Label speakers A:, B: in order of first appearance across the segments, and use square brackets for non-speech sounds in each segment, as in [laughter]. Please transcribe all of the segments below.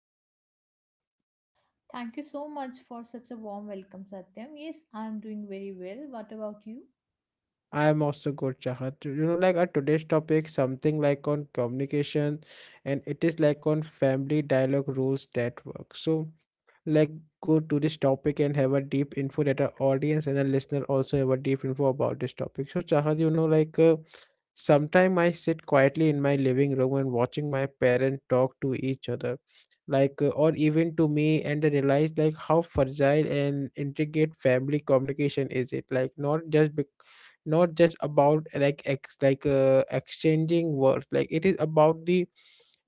A: How are you Chahat?
B: Thank you so much for such a warm welcome, Satyam. Yes, I'm doing very well. What about you?
A: I am also good Chahat. You know like our today's topic something like on communication and it is like on family dialogue rules that work. So like go to this topic and have a deep info that our audience and our listener also have a deep info about this topic. So Chahat, you know, sometime I sit quietly in my living room and watching my parents talk to each other, or even to me, and I realize like how fragile and intricate family communication is. It like not just bec not just about like ex like exchanging words, like it is about the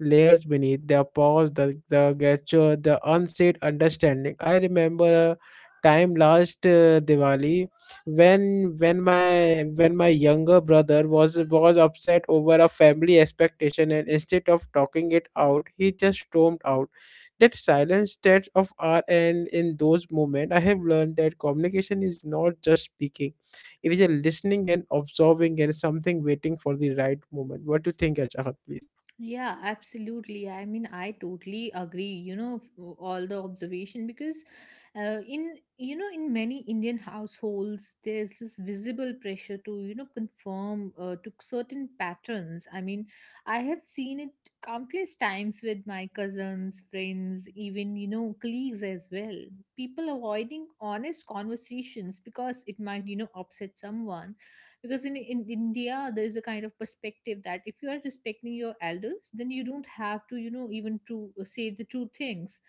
A: layers beneath their paws, the gesture, the unsaid understanding. I remember a time last Diwali when my younger brother was upset over a family expectation, and instead of talking it out he just stormed out that silent stretch of our. And in those moments I have learned that communication is not just speaking, it is a listening and observing and something waiting for the right moment. What do you think, Achahat, please?
B: Yeah, absolutely. I mean, I totally agree, you know, all the observation because in, you know, in many Indian households, there's this visible pressure to, you know, conform to certain patterns. I mean, I have seen it countless times with my cousins, friends, even, you know, colleagues as well. People avoiding honest conversations because it might, you know, upset someone because in india there is a kind of perspective that if you are respecting your elders, then you don't have to, you know, even to say the true things.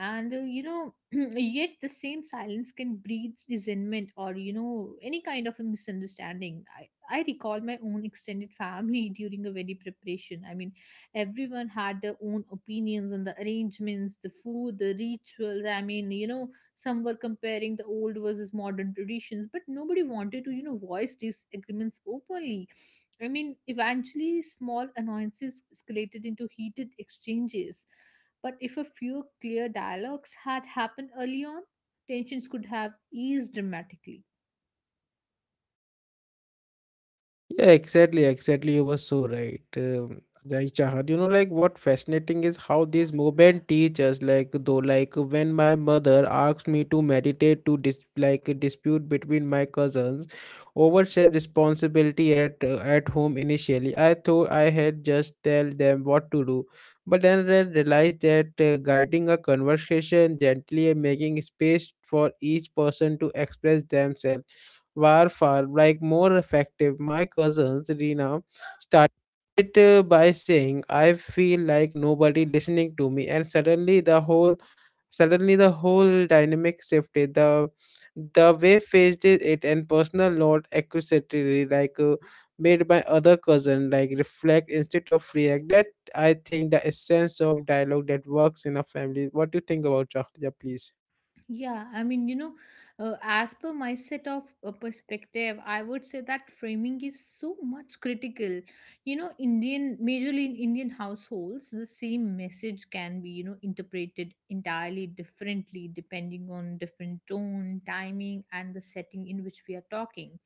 B: And you know, [clears throat] yet the same silence can breed resentment or, you know, any kind of a misunderstanding. I recall my own extended family [laughs] during a wedding preparation. I mean, everyone had their own opinions on the arrangements, the food, the rituals. I mean, you know, some were comparing the old versus modern traditions, but nobody wanted to, you know, voice disagreements openly. I mean, eventually, small annoyances escalated into heated exchanges. But if a few clear dialogues had happened early on, tensions could have eased dramatically.
A: Yeah, exactly, exactly. You were so right. Like Chahat, you know, like what fascinating is how this movement teaches. Like when my mother asked me to meditate to dis like a dispute between my cousins over shared responsibility at home. Initially, I thought I had just tell them what to do, but then I realized that guiding a conversation gently and making space for each person to express themselves were far more effective. My cousins Rina started by saying, "I feel like nobody listening to me," and suddenly the whole dynamic shifted. The way faced it and personal note accusatory made by other cousin like reflect instead of react. That I think the essence of dialogue that works in a family. What do you think about Shaktiya, please?
B: Yeah, I mean, you know, as per my set of perspective, I would say that framing is so much critical. You know, Indian, majorly in Indian households, the same message can be, you know, interpreted entirely differently depending on different tone, timing, and the setting in which we are talking.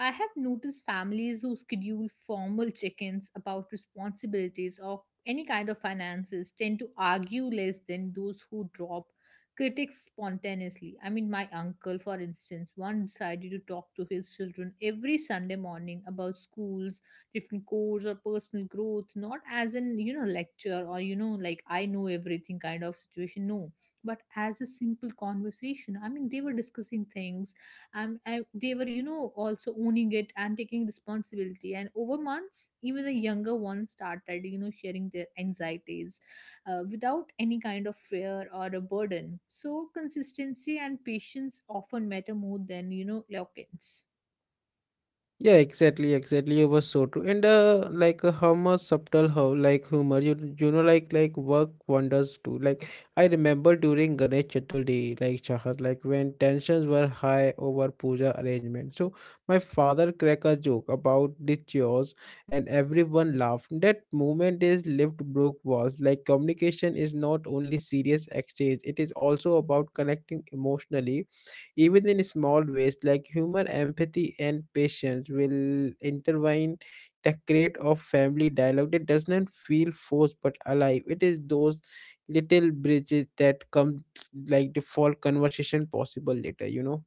B: I have noticed families who schedule formal check ins about responsibilities or any kind of finances tend to argue less than those who drop critics spontaneously. I mean, my uncle, for instance, once decided to talk to his children every Sunday morning about schools, different courses, or personal growth, not as an, you know, lecture or, you know, like I know everything kind of situation. No, but as a simple conversation. I mean, they were discussing things, I, they were, you know, also owning it and taking responsibility, and over months even the younger ones started, you know, sharing their anxieties without any kind of fear or a burden. So consistency and patience often matter more than, you know, eloquence.
A: Yeah, exactly, exactly. It was so true. And how much subtle how like humor you know like work wonders too. Like I remember during Ganesh Chaturthi, like Chahat, like when tensions were high over puja arrangement. So my father cracked a joke about the chores, and everyone laughed. That moment is lived broke walls. Like communication is not only serious exchange; it is also about connecting emotionally even in small ways like humor, empathy, and patience will intertwine the create of family dialogue that does not feel forced but alive. It is those little bridges that come like the default conversation possible later, you know.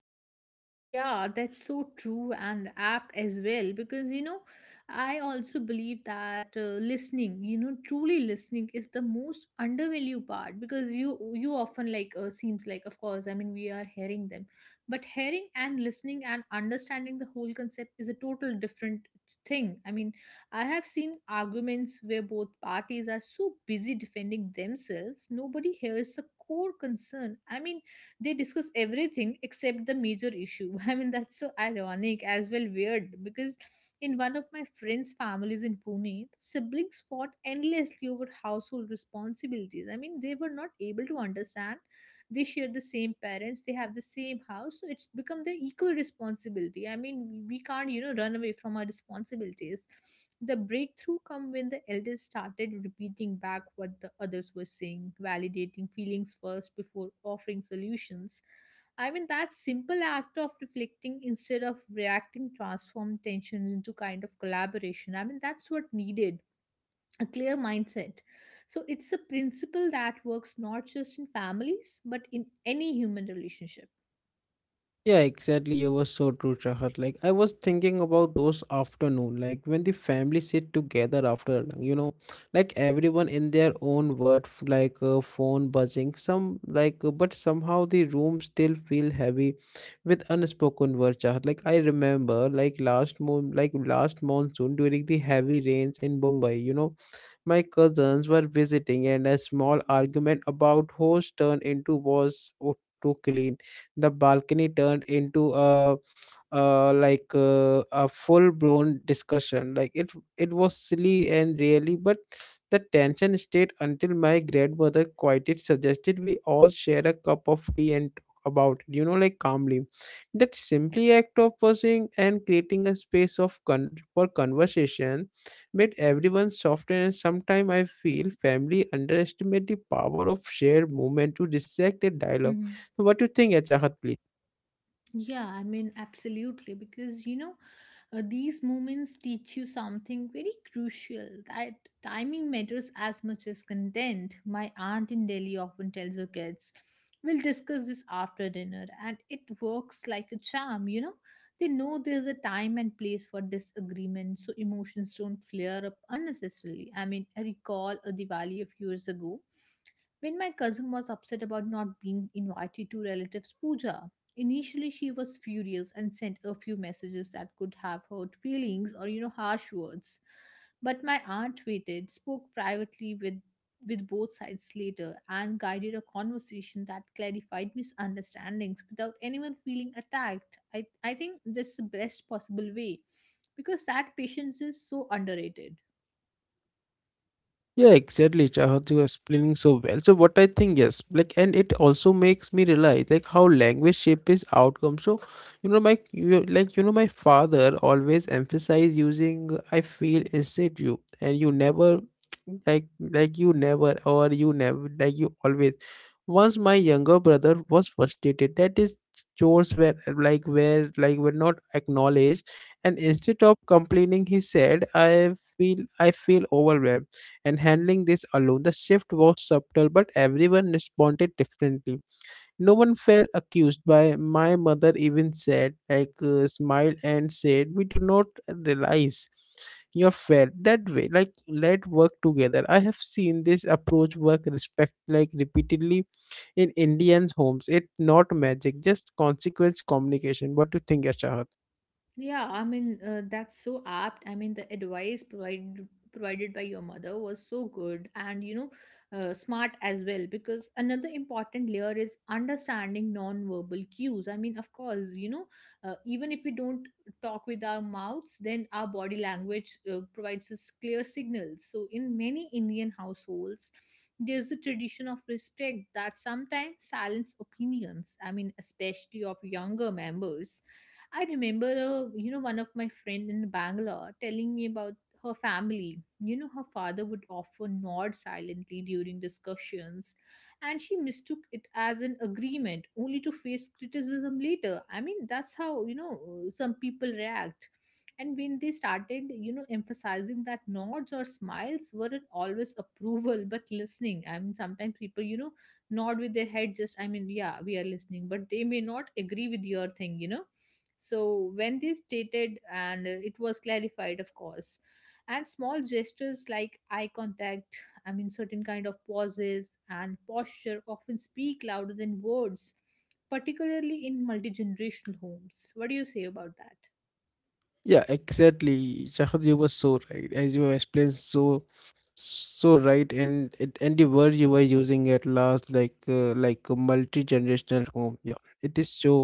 B: Yeah, that's so true and apt as well. Because, you know, I also believe that listening, you know, truly listening is the most undervalued part. Because you often like seems like, of course, I mean, we are hearing them, but hearing and listening and understanding the whole concept is a total different thing. I mean, I have seen arguments where both parties are so busy defending themselves, nobody hears the core concern. I mean, they discuss everything except the major issue. [laughs] I mean, that's so ironic as well, weird. Because in one of my friend's families in Pune, the siblings fought endlessly over household responsibilities. I mean, they were not able to understand they share the same parents, they have the same house, so it's become the equal responsibility. I mean, we can't, you know, run away from our responsibilities. The breakthrough come when the elders started repeating back what the others were saying, validating feelings first before offering solutions. I mean, that simple act of reflecting instead of reacting transformed tension into kind of collaboration. I mean, that's what needed, a clear mindset. So it's a principle that works not just in families, but in any human relationship.
A: Yeah, exactly. You were so true, Chahat. Like I was thinking about those afternoon, like when the family sit together after, like, you know, like everyone in their own world, phone buzzing. But somehow the room still feel heavy with unspoken words, Chahat. Like I remember, like last monsoon during the heavy rains in Mumbai, you know my cousins were visiting, and a small argument about hose turned into to clean. The balcony turned into a a full blown discussion. Like it was silly and really, but the tension stayed until my grandmother quieted suggested we all share a cup of tea and talk about it. You know, like calmly. That simply act of pausing and creating a space of for conversation made everyone softer, and sometimes I feel family underestimate the power of shared movement to dissect a dialogue.
B: Mm-hmm.
A: So what do you think, Achahat, please?
B: Yeah, I mean, absolutely. Because, you know, these moments teach you something very crucial, that timing matters as much as content. My aunt in Delhi often tells her kids, "We'll discuss this after dinner," and it works like a charm, you know. They know there's a time and place for disagreement, so emotions don't flare up unnecessarily. I mean, I recall a Diwali a few years ago when my cousin was upset about not being invited to relatives' puja. Initially she was furious and sent a few messages that could have hurt feelings or, you know, harsh words. But my aunt waited, spoke privately with both sides later, and guided a conversation that clarified misunderstandings without anyone feeling attacked. I think that's the best possible way, because that patience is so underrated.
A: Yeah, exactly, Chahat, you are explaining so well. So what I think, yes, like, and it also makes me realize like how language shapes outcome. So, you know, like you know, my father always emphasized using I feel instead you, and you never [tsk] like you never or you never like you always. Once my younger brother was frustrated that his chores were were not acknowledged, and instead of complaining, he said, I feel overwhelmed." and handling this alone. The shift was subtle, but everyone responded differently. No one felt accused by my mother, even said, smiled and said, we do not realize you felt that way. Like let work together. I have seen this approach work respect like repeatedly in Indians' homes. It's not magic, just consequence communication. What do you think, Shahad?
B: Yeah, I mean, that's so apt. I mean, the advice provided by your mother was so good, and you know, smart as well. Because another important layer is understanding non-verbal cues. I mean, of course, you know, even if we don't talk with our mouths, then our body language provides us clear signals. So in many indian households, there's a tradition of respect that sometimes silence opinions. I mean, especially of younger members. I remember, you know, one of my friend in Bangalore telling me about her family. You know, her father would often nod silently during discussions, and she mistook it as an agreement, only to face criticism later. I mean, that's how, you know, some people react. And when they started, you know, emphasizing that nods or smiles weren't always approval but listening. I mean, sometimes people, you know, nod with their head, just, I mean, yeah, we are listening, but they may not agree with your thing, you know. So when they stated, and it was clarified, of course, and small gestures like eye contact, I mean, certain kind of pauses and posture, often speak louder than words, particularly in multi generational homes. What do you say about that?
A: Yeah, exactly. Shahad, you were so right. As you have explained so. So right, and and the word you were using at last, like a multi-generational home. Yeah, it is so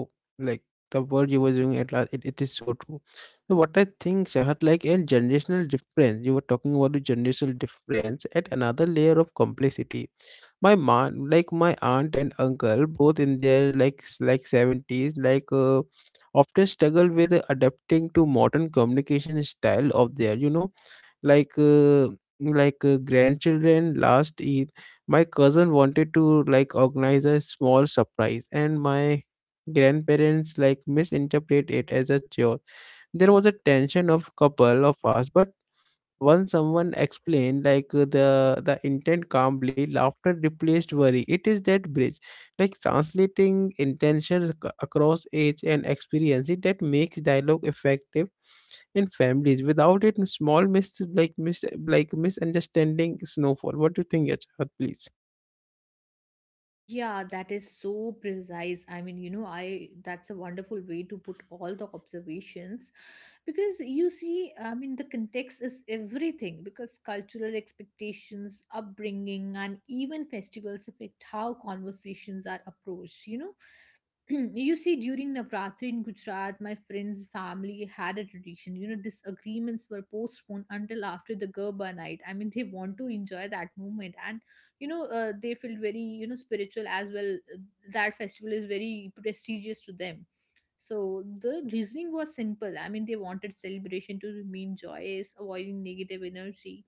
A: like the word you were using at last. It is so true. So what I think, Shahat, like and generational difference. You were talking about the generational difference at another layer of complexity. My mom, like my aunt and uncle, both in their like seventies, often struggle with adapting to modern communication style of their you know like uh, grandchildren. Last year my cousin wanted to like organize a small surprise, and my grandparents like misinterpret it as a chore. There was a tension of couple of us, but once someone explained the intent calmly, laughter replaced worry. It is that bridge, like translating intention across age and experience it that makes dialogue effective in families. Without it, small misunderstanding snowfall. What do you think, Yachad, please?
B: Yeah, that is so precise. I mean, you know, I, that's a wonderful way to put all the observations. Because you see, I mean, the context is everything, because cultural expectations, upbringing, and even festivals affect how conversations are approached, you know. [clears throat] You see, during Navratri in Gujarat, my friend's family had a tradition. You know, disagreements were postponed until after the Garba night. I mean, they want to enjoy that moment, and you know, they feel very, you know, spiritual as well. That festival is very prestigious to them. So the reasoning was simple. I mean, they wanted celebration to remain joyous, avoiding negative energy.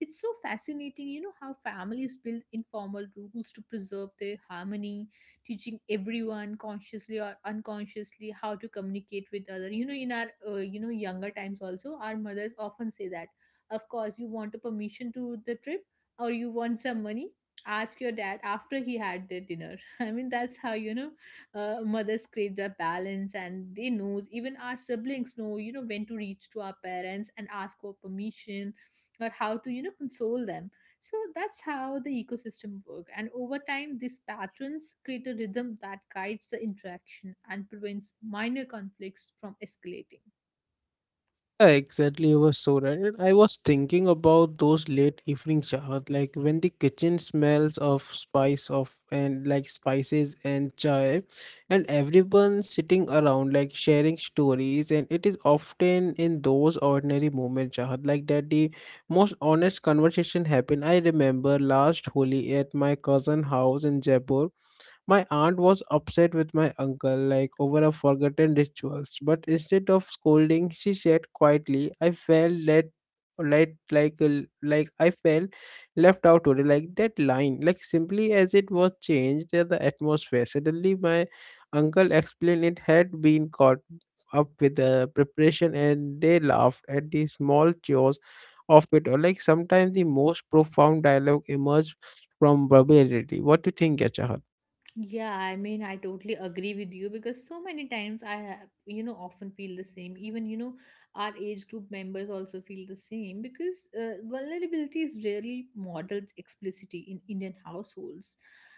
B: It's so fascinating, you know, how families build informal rules to preserve their harmony, teaching everyone consciously or unconsciously how to communicate with other. You know, in our you know, younger times also, our mothers often say that, of course, you want a permission to the trip or you want some money, ask your dad after he had their dinner. [laughs] I mean, that's how, you know, mothers create their balance, and they knows, even our siblings know, you know, when to reach to our parents and ask for permission or how to, you know, console them. So that's how the ecosystem work. And over time, these patterns create a rhythm that guides the interaction and prevents minor conflicts from escalating.
A: Yeah, exactly. You were so right. And I was thinking about those late evening chahats, like when the kitchen smells of spices and chai, and everyone sitting around like sharing stories. And it is often in those ordinary moments, chahat, like that the most honest conversation happen. I remember last Holi at my cousin house in Jaipur. My aunt was upset with my uncle, like over a forgotten rituals, but instead of scolding, she said quietly, I felt let let like a- like I felt left out today. Like that line, like simply as it was changed the atmosphere. Suddenly my uncle explained it had been caught up with the preparation, and they laughed at the small chores of it. Or like sometimes the most profound dialogue emerged from verbality. What do you think, Yachahat?
B: Yeah, I mean, I totally agree with you. Because so many times I have, you know, often feel the same. Even, you know, our age group members also feel the same. Because vulnerability is rarely modeled explicitly in Indian households.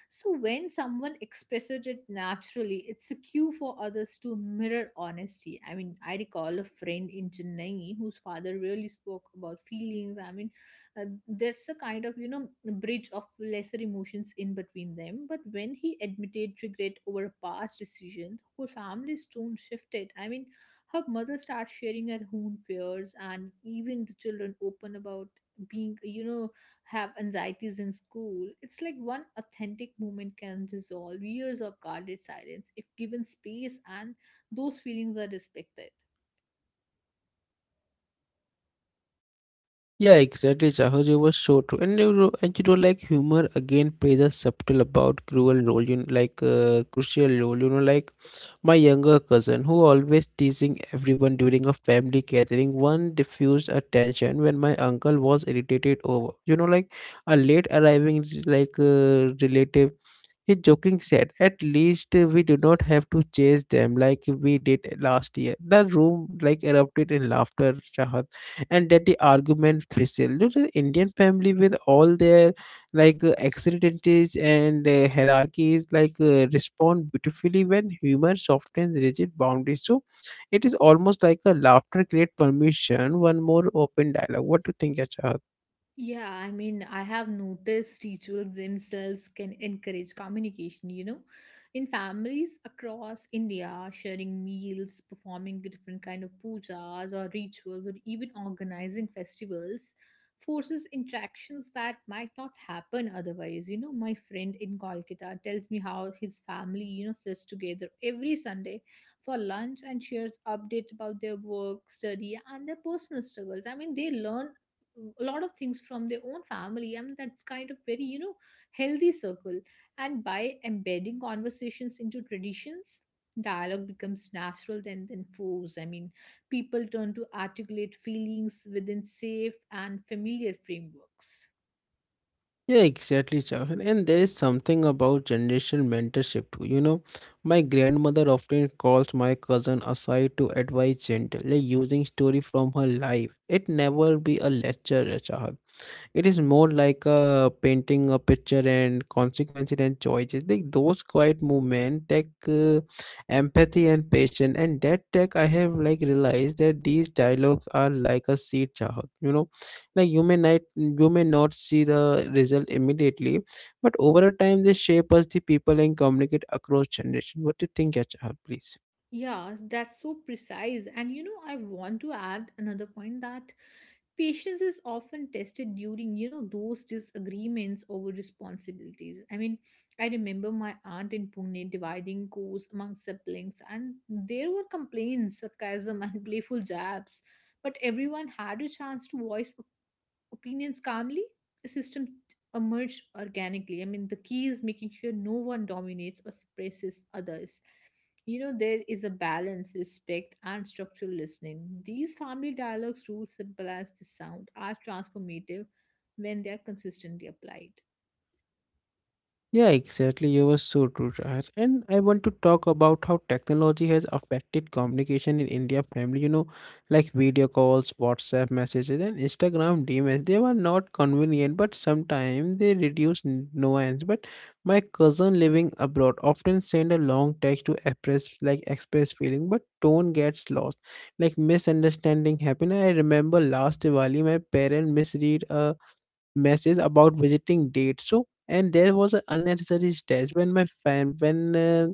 B: So when someone expresses it naturally, it's a cue for others to mirror honesty. I mean, I recall a friend in Chennai whose father really spoke about feelings. I mean, there's a kind of, you know, bridge of lesser emotions in between them. But when he admitted regret over a past decision, the whole family's tone shifted. I mean, her mother starts sharing her own fears, and even the children open about being, you know, have anxieties in school. It's like one authentic moment can dissolve years of guarded silence if given space and those feelings are respected.
A: Yeah, exactly, Chahoj. You were so true. And you know, like humor again plays a subtle about cruel role, you know, crucial role. You know, like my younger cousin who always teasing everyone during a family gathering. One diffused attention when my uncle was irritated over. You know, like a late arriving relative, he joking said, At least we do not have to chase them like we did last year. The room like erupted in laughter, Shahad, and that the argument fizzled. Look, an Indian family with all their accidentes and hierarchies respond beautifully when humor softens rigid boundaries. So it is almost like a laughter create permission, one more open dialogue. What do you think, Shahad?
B: Yeah, I mean, I have noticed rituals themselves can encourage communication, you know. In families across India, sharing meals, performing different kind of pujas or rituals, or even organizing festivals, forces interactions that might not happen otherwise. You know, my friend in Kolkata tells me how his family, you know, sits together every Sunday for lunch and shares updates about their work, study, and their personal struggles. I mean, they learn a lot of things from their own family, and that's kind of very, you know, healthy circle. And by embedding conversations into traditions, dialogue becomes natural than force. I mean, people turn to articulate feelings within safe and familiar frameworks.
A: Yeah, exactly, Chahan. And there is something about generational mentorship too. You know, my grandmother often calls my cousin aside to advise gently, like using story from her life. It never be a lecture, Chahan. It is more like a painting a picture and consequences and choices. Like those quiet movement take empathy and patience. And that take I have like realized that these dialogues are like a seed chahat. You know, like you may not see the result immediately, but over a time they shape us the people and communicate across generation. What do you think, Chahat? Please.
B: Yeah, that's so precise. And you know, I want to add another point, that patience is often tested during, you know, those disagreements over responsibilities. I mean, I remember my aunt in Pune dividing chores among siblings, and there were complaints, sarcasm, and [laughs] playful jabs. But everyone had a chance to voice opinions calmly, a system emerged organically. I mean, the key is making sure no one dominates or suppresses others. You know, there is a balance, respect, and structural listening. These family dialogues, rules simple as they sound, are transformative when they are consistently applied.
A: Yeah, exactly. You were so true, Shahar. And I want to talk about how technology has affected communication in India family. You know, like video calls, WhatsApp messages, and Instagram DMs. They were not convenient, but sometimes they reduce nuance. But my cousin living abroad often send a long text to express express feeling, but tone gets lost. Like misunderstanding happen. I remember last Diwali, my parent misread message about visiting dates. So, and there was an unnecessary stress when my fan when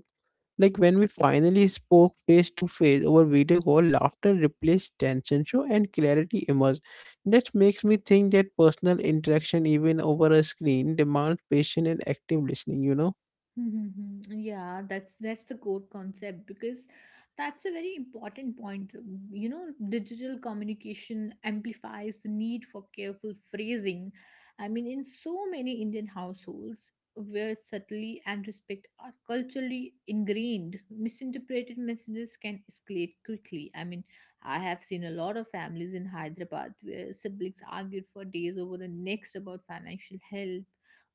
A: like when we finally spoke face to face over video call, laughter replaced tension. So, and clarity emerged. That makes me think that personal interaction, even over a screen, demands patient and active listening. You know.
B: Hmm. Yeah, that's the core concept because that's a very important point. You know, digital communication amplifies the need for careful phrasing. I mean, in so many Indian households where subtlety and respect are culturally ingrained, misinterpreted messages can escalate quickly. I mean, I have seen a lot of families in Hyderabad where siblings argued for days over the next about financial help,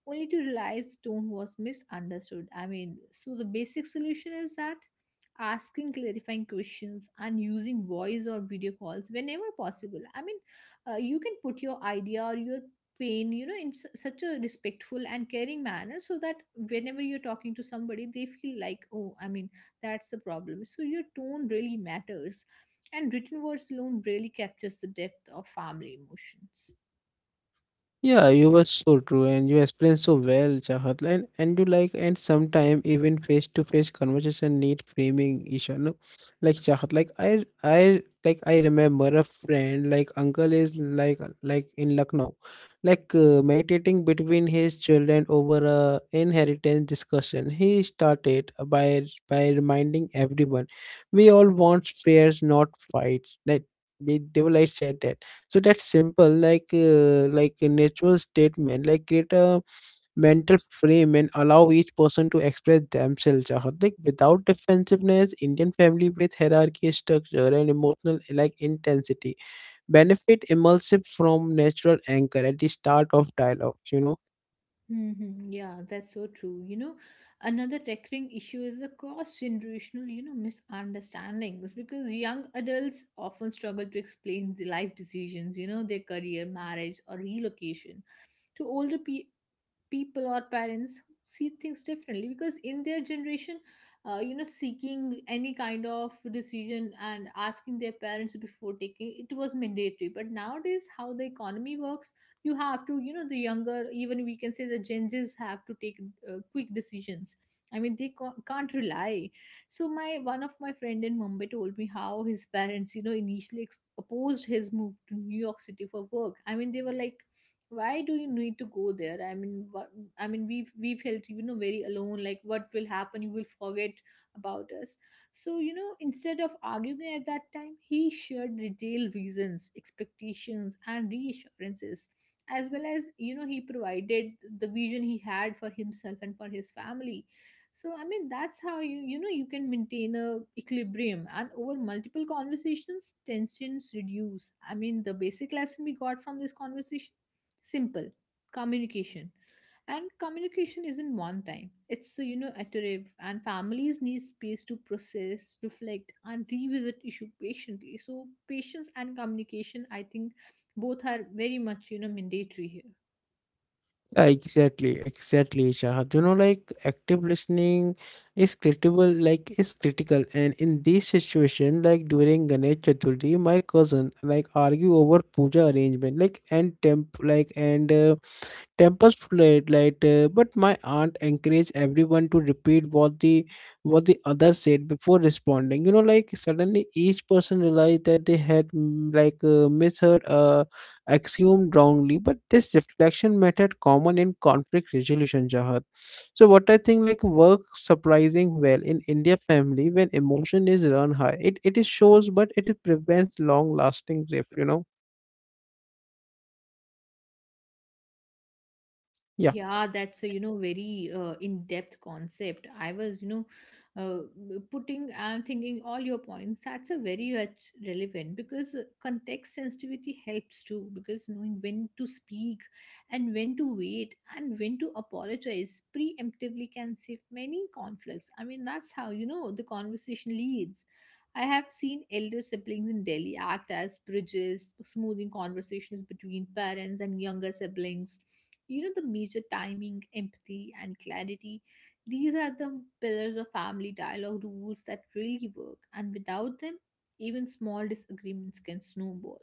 B: only to realize the tone was misunderstood. I mean, so the basic solution is that asking clarifying questions and using voice or video calls whenever possible. I mean, you can put your idea or your pain, in such a respectful and caring manner so that whenever you're talking to somebody, they feel like, oh, I mean, that's the problem. So your tone really matters. And written words alone really captures the depth of family emotions.
A: Yeah, you were so true and you explained so well, Chahat. And sometimes even face to face conversation need framing, Isha. No, like Chahat, like I remember a friend, like uncle is like in Lucknow, meditating between his children over a inheritance discussion. He started by reminding everyone, we all want fairs, not fights. Like they were like said that so that's simple like a natural statement like create a mental frame and allow each person to express themselves Chahat, like without defensiveness. Indian family with hierarchy structure and emotional like intensity benefit immersive from natural anchor at the start of dialogue.
B: Yeah, that's so true. You know, another recurring issue is the cross-generational, you know, misunderstandings because young adults often struggle to explain the life decisions, you know, their career, marriage, or relocation to older pe people or parents see things differently, because in their generation, you know, seeking any kind of decision and asking their parents before taking it was mandatory. But nowadays, how the economy works, you have to, you know, the younger, even we can say the Gen Zs, have to take quick decisions. I mean, they can't rely. So my one of my friend in Mumbai told me how his parents, you know, initially opposed his move to New York City for work. I mean, they were like, why do you need to go there? I mean, what, I mean, we felt, you know, very alone. Like, what will happen? You will forget about us. So, you know, instead of arguing at that time, he shared detailed reasons, expectations, and reassurances, as well as, you know, he provided the vision he had for himself and for his family. So I mean, that's how you, you know, you can maintain a equilibrium, and over multiple conversations tensions reduce. I mean, the basic lesson we got from this conversation: simple communication. And communication isn't one time. It's, you know, iterative, and families need space to process, reflect, and revisit issue patiently. So, patience and communication, I think, both are very much, you know, mandatory here.
A: Yeah, exactly, exactly, Shahad. You know, like active listening is critical, like is critical. And in this situation, like during Ganesh Chaturthi, my cousin like argue over puja arrangement, like and temp, like and tempers fled but my aunt encouraged everyone to repeat what the other said before responding. Like suddenly each person realized that they had misheard, assumed wrongly, but this reflection method common in conflict resolution, Jahat. So what I think like works surprising well in India family when emotion is run high, it is shows, but it prevents long lasting grief yeah
B: Yeah, that's a, you know, very in-depth concept. I was, you know, uh, putting and thinking all your points. That's a very much relevant because context sensitivity helps too. Because knowing when to speak and when to wait and when to apologize preemptively can save many conflicts. I mean, that's how, you know, the conversation leads. I have seen elder siblings in Delhi act as bridges, smoothing conversations between parents and younger siblings. You know, the major timing, empathy, and clarity. These are the pillars of family dialogue rules that really work, and without them, even small disagreements can snowball.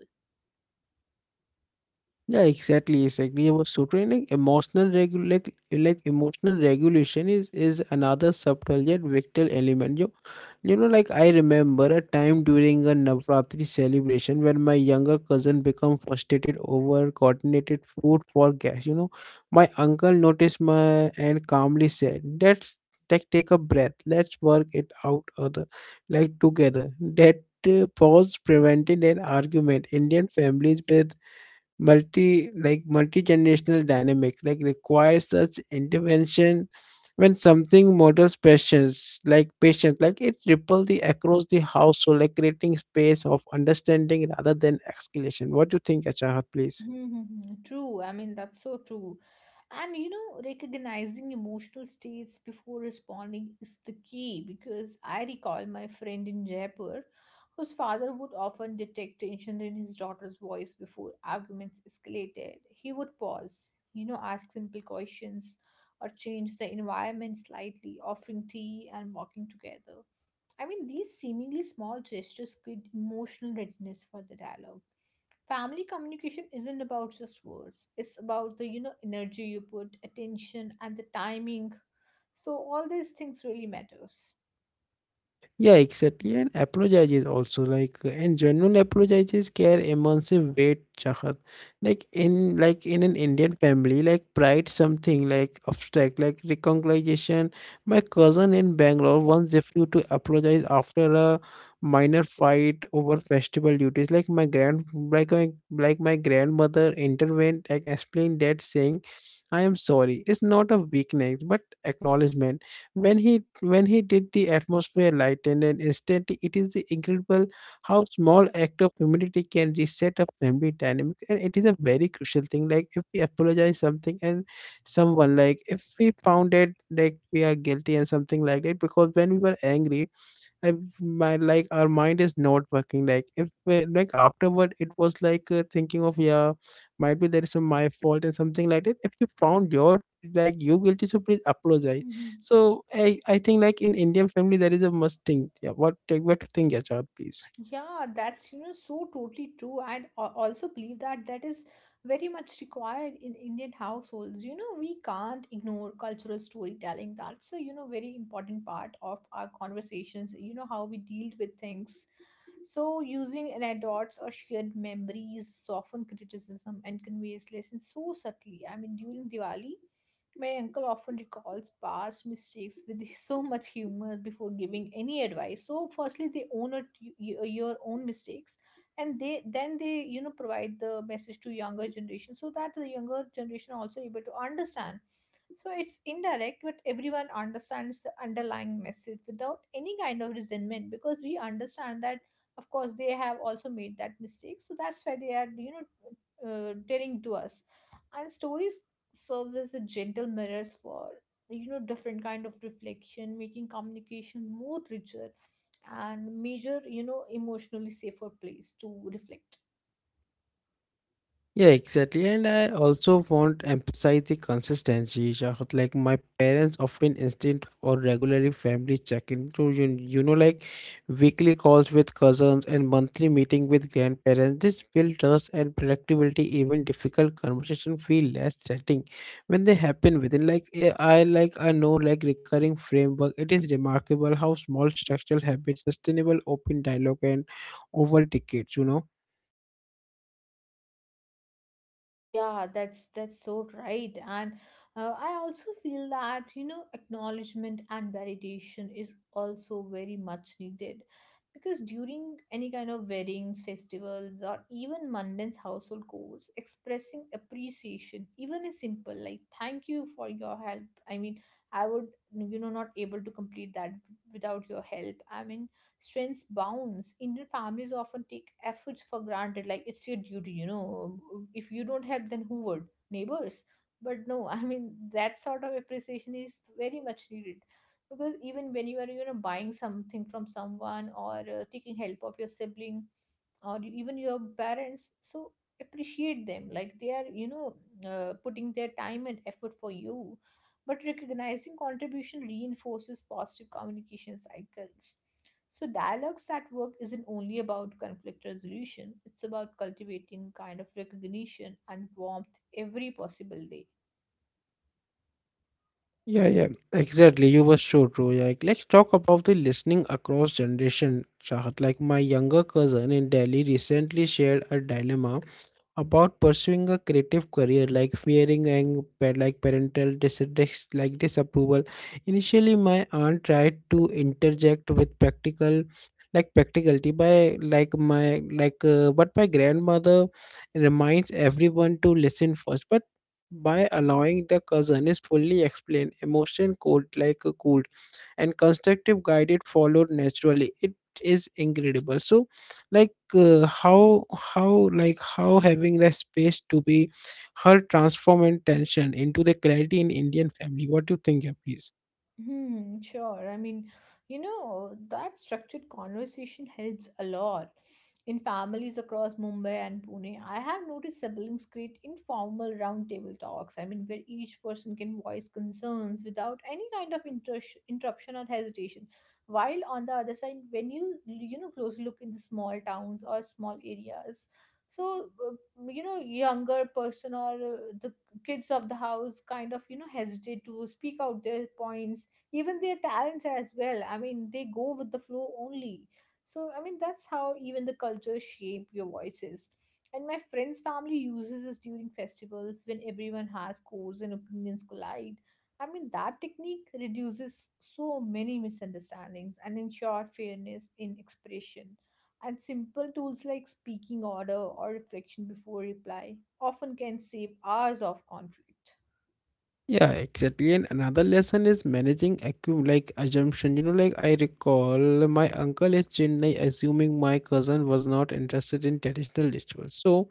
A: Yeah, exactly, exactly. I was so training emotional emotional regulation is another subtle yet vital element. You know, like I remember a time during a Navratri celebration when my younger cousin became frustrated over coordinated food for guests. You know, my uncle noticed my and calmly said, "Let's take a breath. Let's work it out other like together." That pause prevented an argument. Indian families with multi-generational dynamic like requires such intervention when something models patience, like patience, like it ripple the across the household, like creating space of understanding rather than escalation. What do you think, Achahat, please?
B: Mm-hmm. True. I mean, that's so true. And you know, recognizing emotional states before responding is the key, because I recall my friend in Jaipur whose father would often detect tension in his daughter's voice before arguments escalated. He would pause, you know, ask simple questions or change the environment slightly, offering tea and walking together. I mean, these seemingly small gestures create emotional readiness for the dialogue. Family communication isn't about just words. It's about the, you know, energy you put, attention, and the timing. So all these things really matters.
A: Yeah, exactly. And apologizes also and genuine apologizes care immensive weight, Chahat. Like in an Indian family, like pride something like abstract, like reconciliation. My cousin in Bangalore once refused to apologize after a minor fight over festival duties. Like my grandmother intervened and explained that saying, "I am sorry. It's not a weakness, but acknowledgement." When he did, the atmosphere lightened, and instantly it is the incredible how small act of humility can reset a family dynamics, and it is a very crucial thing. Like if we apologize something and someone, like if we found it like we are guilty and something like that. Because when we were angry, I, my like our mind is not working. Like if we- like afterward, it was thinking of, yeah, might be there is some my fault and something like that. If you found your like you guilty, so please apologize.
B: hmm
A: So I think like in Indian family there is a must thing. Yeah, what take, what to think, yeah, child, please.
B: yeah, that's, you know, so totally true. I also believe that that is very much required in Indian households. You know, we can't ignore cultural storytelling. That's a, you know, very important part of our conversations, you know, how we deal with things. So, using anecdotes or shared memories soften criticism and conveys lessons so subtly. I mean, during Diwali, my uncle often recalls past mistakes with [laughs] so much humor before giving any advice. So, firstly, they own it, your own mistakes, and they then they, you know, provide the message to younger generation so that the younger generation also able to understand. So it's indirect, but everyone understands the underlying message without any kind of resentment, because we understand that of course they have also made that mistake, so that's why they are, you know, telling to us. And stories serves as a gentle mirrors for, you know, different kind of reflection, making communication more richer and major, you know, emotionally safer place to reflect.
A: Yeah, exactly. And I also want to emphasize the consistency, Shahid. Like my parents often instant or regularly family check-in to you, you know, like weekly calls with cousins and monthly meeting with grandparents. This build trust and predictability. Even difficult conversation feel less threatening when they happen within. Like I know like recurring framework. It is remarkable how small structural habits, sustainable open dialogue, and over decades. You know.
B: Yeah, that's so right, and I also feel that, you know, acknowledgement and validation is also very much needed, because during any kind of weddings, festivals, or even mundane household chores, expressing appreciation, even a simple like "thank you for your help," I mean, I would, you know, not able to complete that without your help. I mean, strengths bounds Indian families often take efforts for granted, like it's your duty. You know, if you don't help, then who would? Neighbors? But no, [laughs] I mean, that sort of appreciation is very much needed, because even when you are, you know, buying something from someone or taking help of your sibling or even your parents, so appreciate them, like they are, you know, putting their time and effort for you. But recognizing contribution reinforces positive communication cycles. So, dialogues that work isn't only about conflict resolution, it's about cultivating kind of recognition and warmth every possible day.
A: Yeah, yeah, exactly. You were so true. Yeah. Like, let's talk about the listening across generation, Chahat. Like my younger cousin in Delhi recently shared a dilemma about pursuing a creative career, like fearing and parental disapproval. Initially my aunt tried to interject with practical like practicality, by like my like but my grandmother reminds everyone to listen first. But by allowing the cousin is fully explain emotion cold like a cool and constructive guide, it followed naturally. It is incredible. So how, how having the space to be her transform and tension into the clarity in Indian family, what do you think, yeah, please?
B: Hmm, sure. I mean, you know, that structured conversation helps a lot. In families across Mumbai and Pune, I have noticed siblings create informal roundtable talks. I mean, where each person can voice concerns without any kind of interruption or hesitation. While on the other side, when you know, close look in the small towns or small areas, so, you know, younger person or the kids of the house kind of, you know, hesitate to speak out their points, even their talents as well. I mean, they go with the flow only. So I mean, that's how even the cultures shape your voices. And my friend's family uses this during festivals when everyone has scores and opinions collide. I mean, that technique reduces so many misunderstandings and ensure fairness in expression. And simple tools like speaking order or reflection before reply often can save hours of conflict.
A: Yeah, exactly. And another lesson is managing assumption. You know, like I recall my uncle is Chennai assuming my cousin was not interested in traditional rituals, so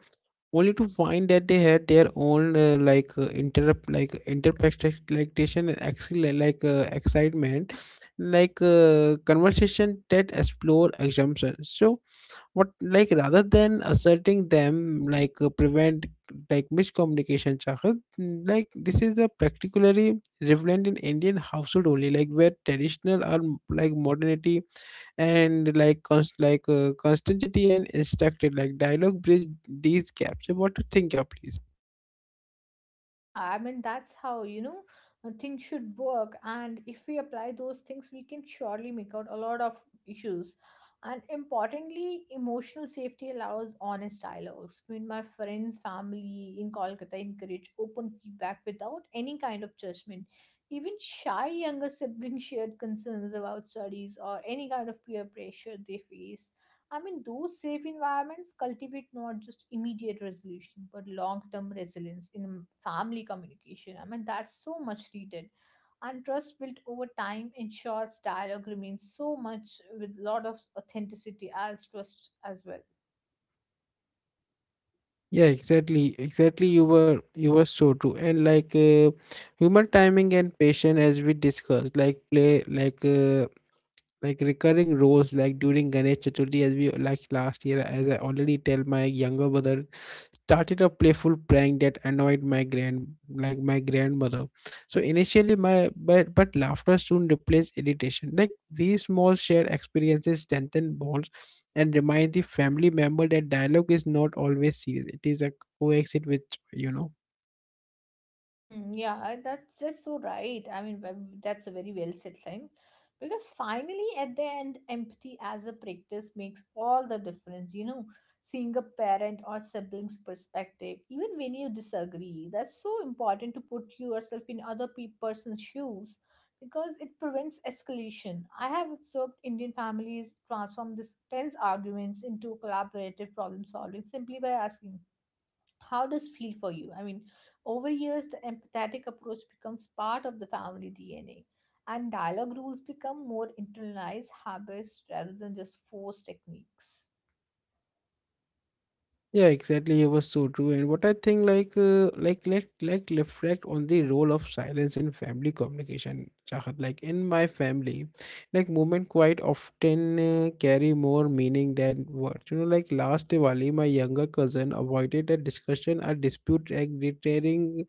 A: only to find that they had their own like interrupt like interpretation, and actually excitement. Conversation that explore assumptions, so what like rather than asserting them, prevent like miscommunication, Shahid. Like this is a particularly relevant in Indian household only, like where traditional or like modernity, and like constantity and instructed like dialogue bridge these gaps. So what to think, yeah, please?
B: Yeah, I mean, that's how, you know, things should work. And if we apply those things, we can surely make out a lot of issues. And importantly, emotional safety allows honest dialogues. When my friends, family in Kolkata encourage open feedback without any kind of judgment, even shy younger siblings [laughs] shared concerns about studies or any kind of peer pressure they face. I mean, those safe environments cultivate not just immediate resolution, but long term resilience in family communication. I mean, that's so much needed. And trust built over time ensures dialogue remains so much with lot of authenticity as trust as well.
A: Yeah, exactly, exactly. You were so true. And humor, timing, and patience, as we discussed, like play like recurring roles. Like during Ganesh Chaturthi, as we like last year, as I already tell, my younger brother started a playful prank that annoyed my grand like my grandmother. So initially my but laughter soon replaced irritation. Like these small shared experiences strengthen bonds and remind the family member that dialogue is not always serious. It is a coexist with joy, you know.
B: Mm, yeah, that's just so right. I mean, that's a very well said thing. Because finally, at the end, empathy as a practice makes all the difference. You know, seeing a parent or sibling's perspective, even when you disagree, that's so important to put yourself in other person's shoes, because it prevents escalation. I have observed Indian families transform these tense arguments into collaborative problem solving simply by asking how does feel for you. I mean, over years the empathetic approach becomes part of the family DNA, and dialogue rules become more internalized habits rather than just forced techniques.
A: Yeah, exactly. It was so true. And what I think, reflect on the role of silence in family communication, Chahat. Like in my family, like, movement quite often carry more meaning than words. You know, like last Diwali, my younger cousin avoided a discussion, a dispute, like, reiterating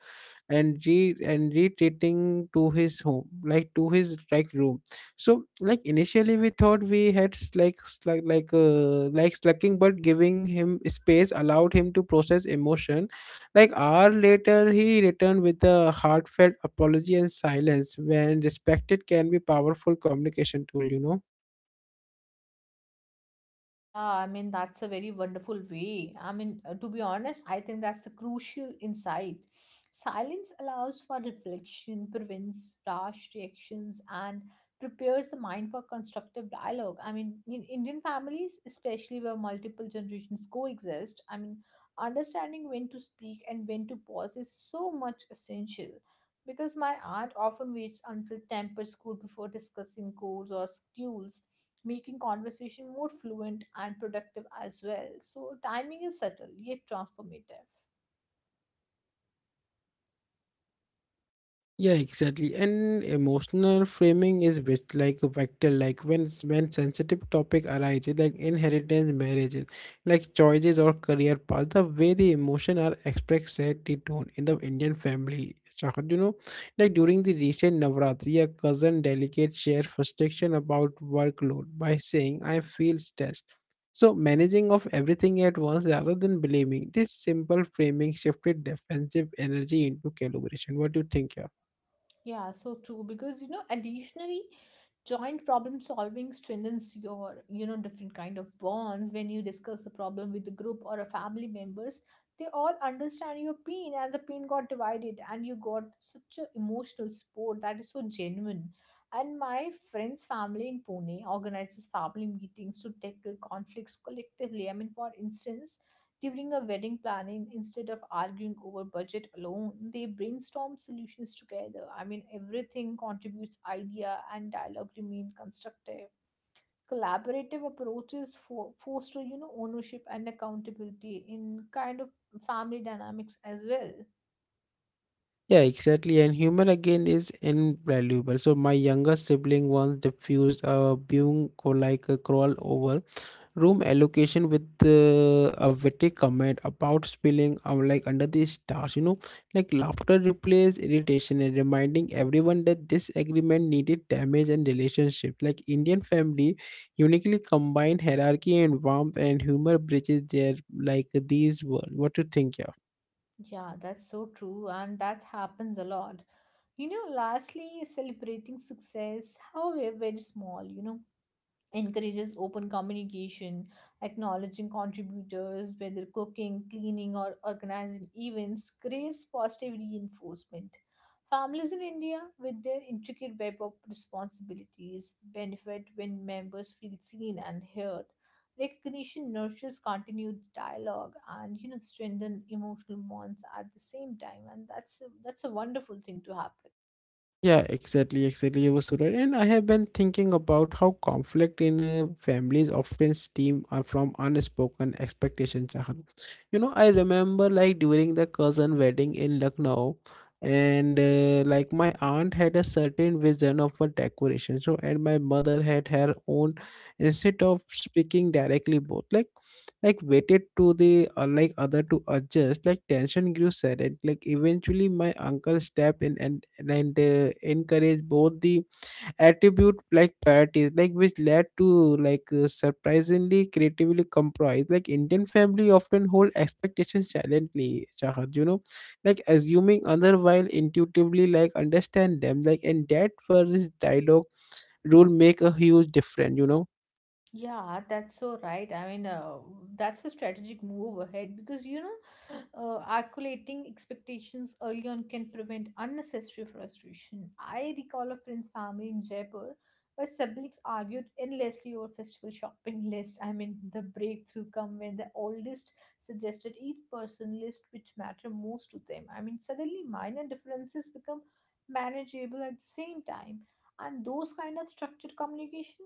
A: and retreating to his home, like to his room. So like initially we thought we had slacking, but giving him space allowed him to process emotion. Like hour later he returned with a heartfelt apology, and silence when respected can be powerful communication tool, you know.
B: Yeah, I mean, that's a very wonderful way. I mean, to be honest, I think that's a crucial insight. Silence allows for reflection, prevents rash reactions, and prepares the mind for constructive dialogue. I mean, in Indian families, especially where multiple generations coexist, I mean, understanding when to speak and when to pause is so much essential, because my aunt often waits until temper school before discussing goals or schedules, making conversation more fluent and productive as well. So timing is subtle yet transformative.
A: Yeah, exactly. And emotional framing is bit like a vector, like when sensitive topic arises, like inheritance, marriages, like choices or career path, the way the emotion are expressed set the tone in the Indian family, Shakar, you know, like during the recent Navratri. A cousin delegate shared frustration about workload by saying, "I feel stressed." So, managing of everything at once rather than blaming, this simple framing shifted defensive energy into calibration. What do you think here?
B: Yeah, so true. Because, you know, additionally, joint problem solving strengthens your, you know, different kind of bonds when you discuss a problem with a group or a family members. They all understand your pain and the pain got divided and you got such a emotional support that is so genuine. And my friend's family in Pune organizes family meetings to tackle conflicts collectively. I mean, for instance, during a wedding planning, instead of arguing over budget alone, they brainstorm solutions together. I mean, everything contributes idea and dialogue remain constructive. Collaborative approaches for foster, you know, ownership and accountability in kind of family dynamics as well.
A: Yeah, exactly. And humor again is invaluable. So, my younger sibling once diffused a being like a crawl over room allocation with a witty comment about spilling, under the stars, you know. Like laughter replaces irritation and reminding everyone that this agreement needed damage and relationship. Like Indian family uniquely combined hierarchy and warmth, and humor bridges their like these world. What do you think, yeah?
B: Yeah, that's so true, and that happens a lot. You know, lastly, celebrating success, however, very small, encourages open communication, acknowledging contributors, whether cooking, cleaning, or organizing events, creates positive reinforcement. Families in India, with their intricate web of responsibilities, benefit when members feel seen and heard. Recognition nurtures continued dialogue and strengthen emotional bonds at the same time, and that's a wonderful thing to happen.
A: Yeah, exactly, exactly. You were so right. And I have been thinking about how conflict in families often stem from unspoken expectations, Chahan. You know, I remember, like during the cousin wedding in Lucknow, and like my aunt had a certain vision of a decoration, so, and my mother had her own. Instead of speaking directly, both waited to the other to adjust. Like tension grew sudden, like eventually my uncle stepped in, and encouraged both the attribute like parties, like which led to surprisingly creatively compromise. Like Indian family often hold expectations silently, Shahad, you know, like assuming other while intuitively like understand them, like and that first dialogue rule make a huge difference, you know.
B: Yeah, that's so right. I mean, that's a strategic move ahead because articulating expectations early on can prevent unnecessary frustration. I recall a friend's family in Jaipur where siblings argued endlessly over festival shopping [laughs] list. I mean, the breakthrough come when the oldest suggested each person list which matter most to them. I mean, suddenly minor differences become manageable at the same time, and those kind of structured communication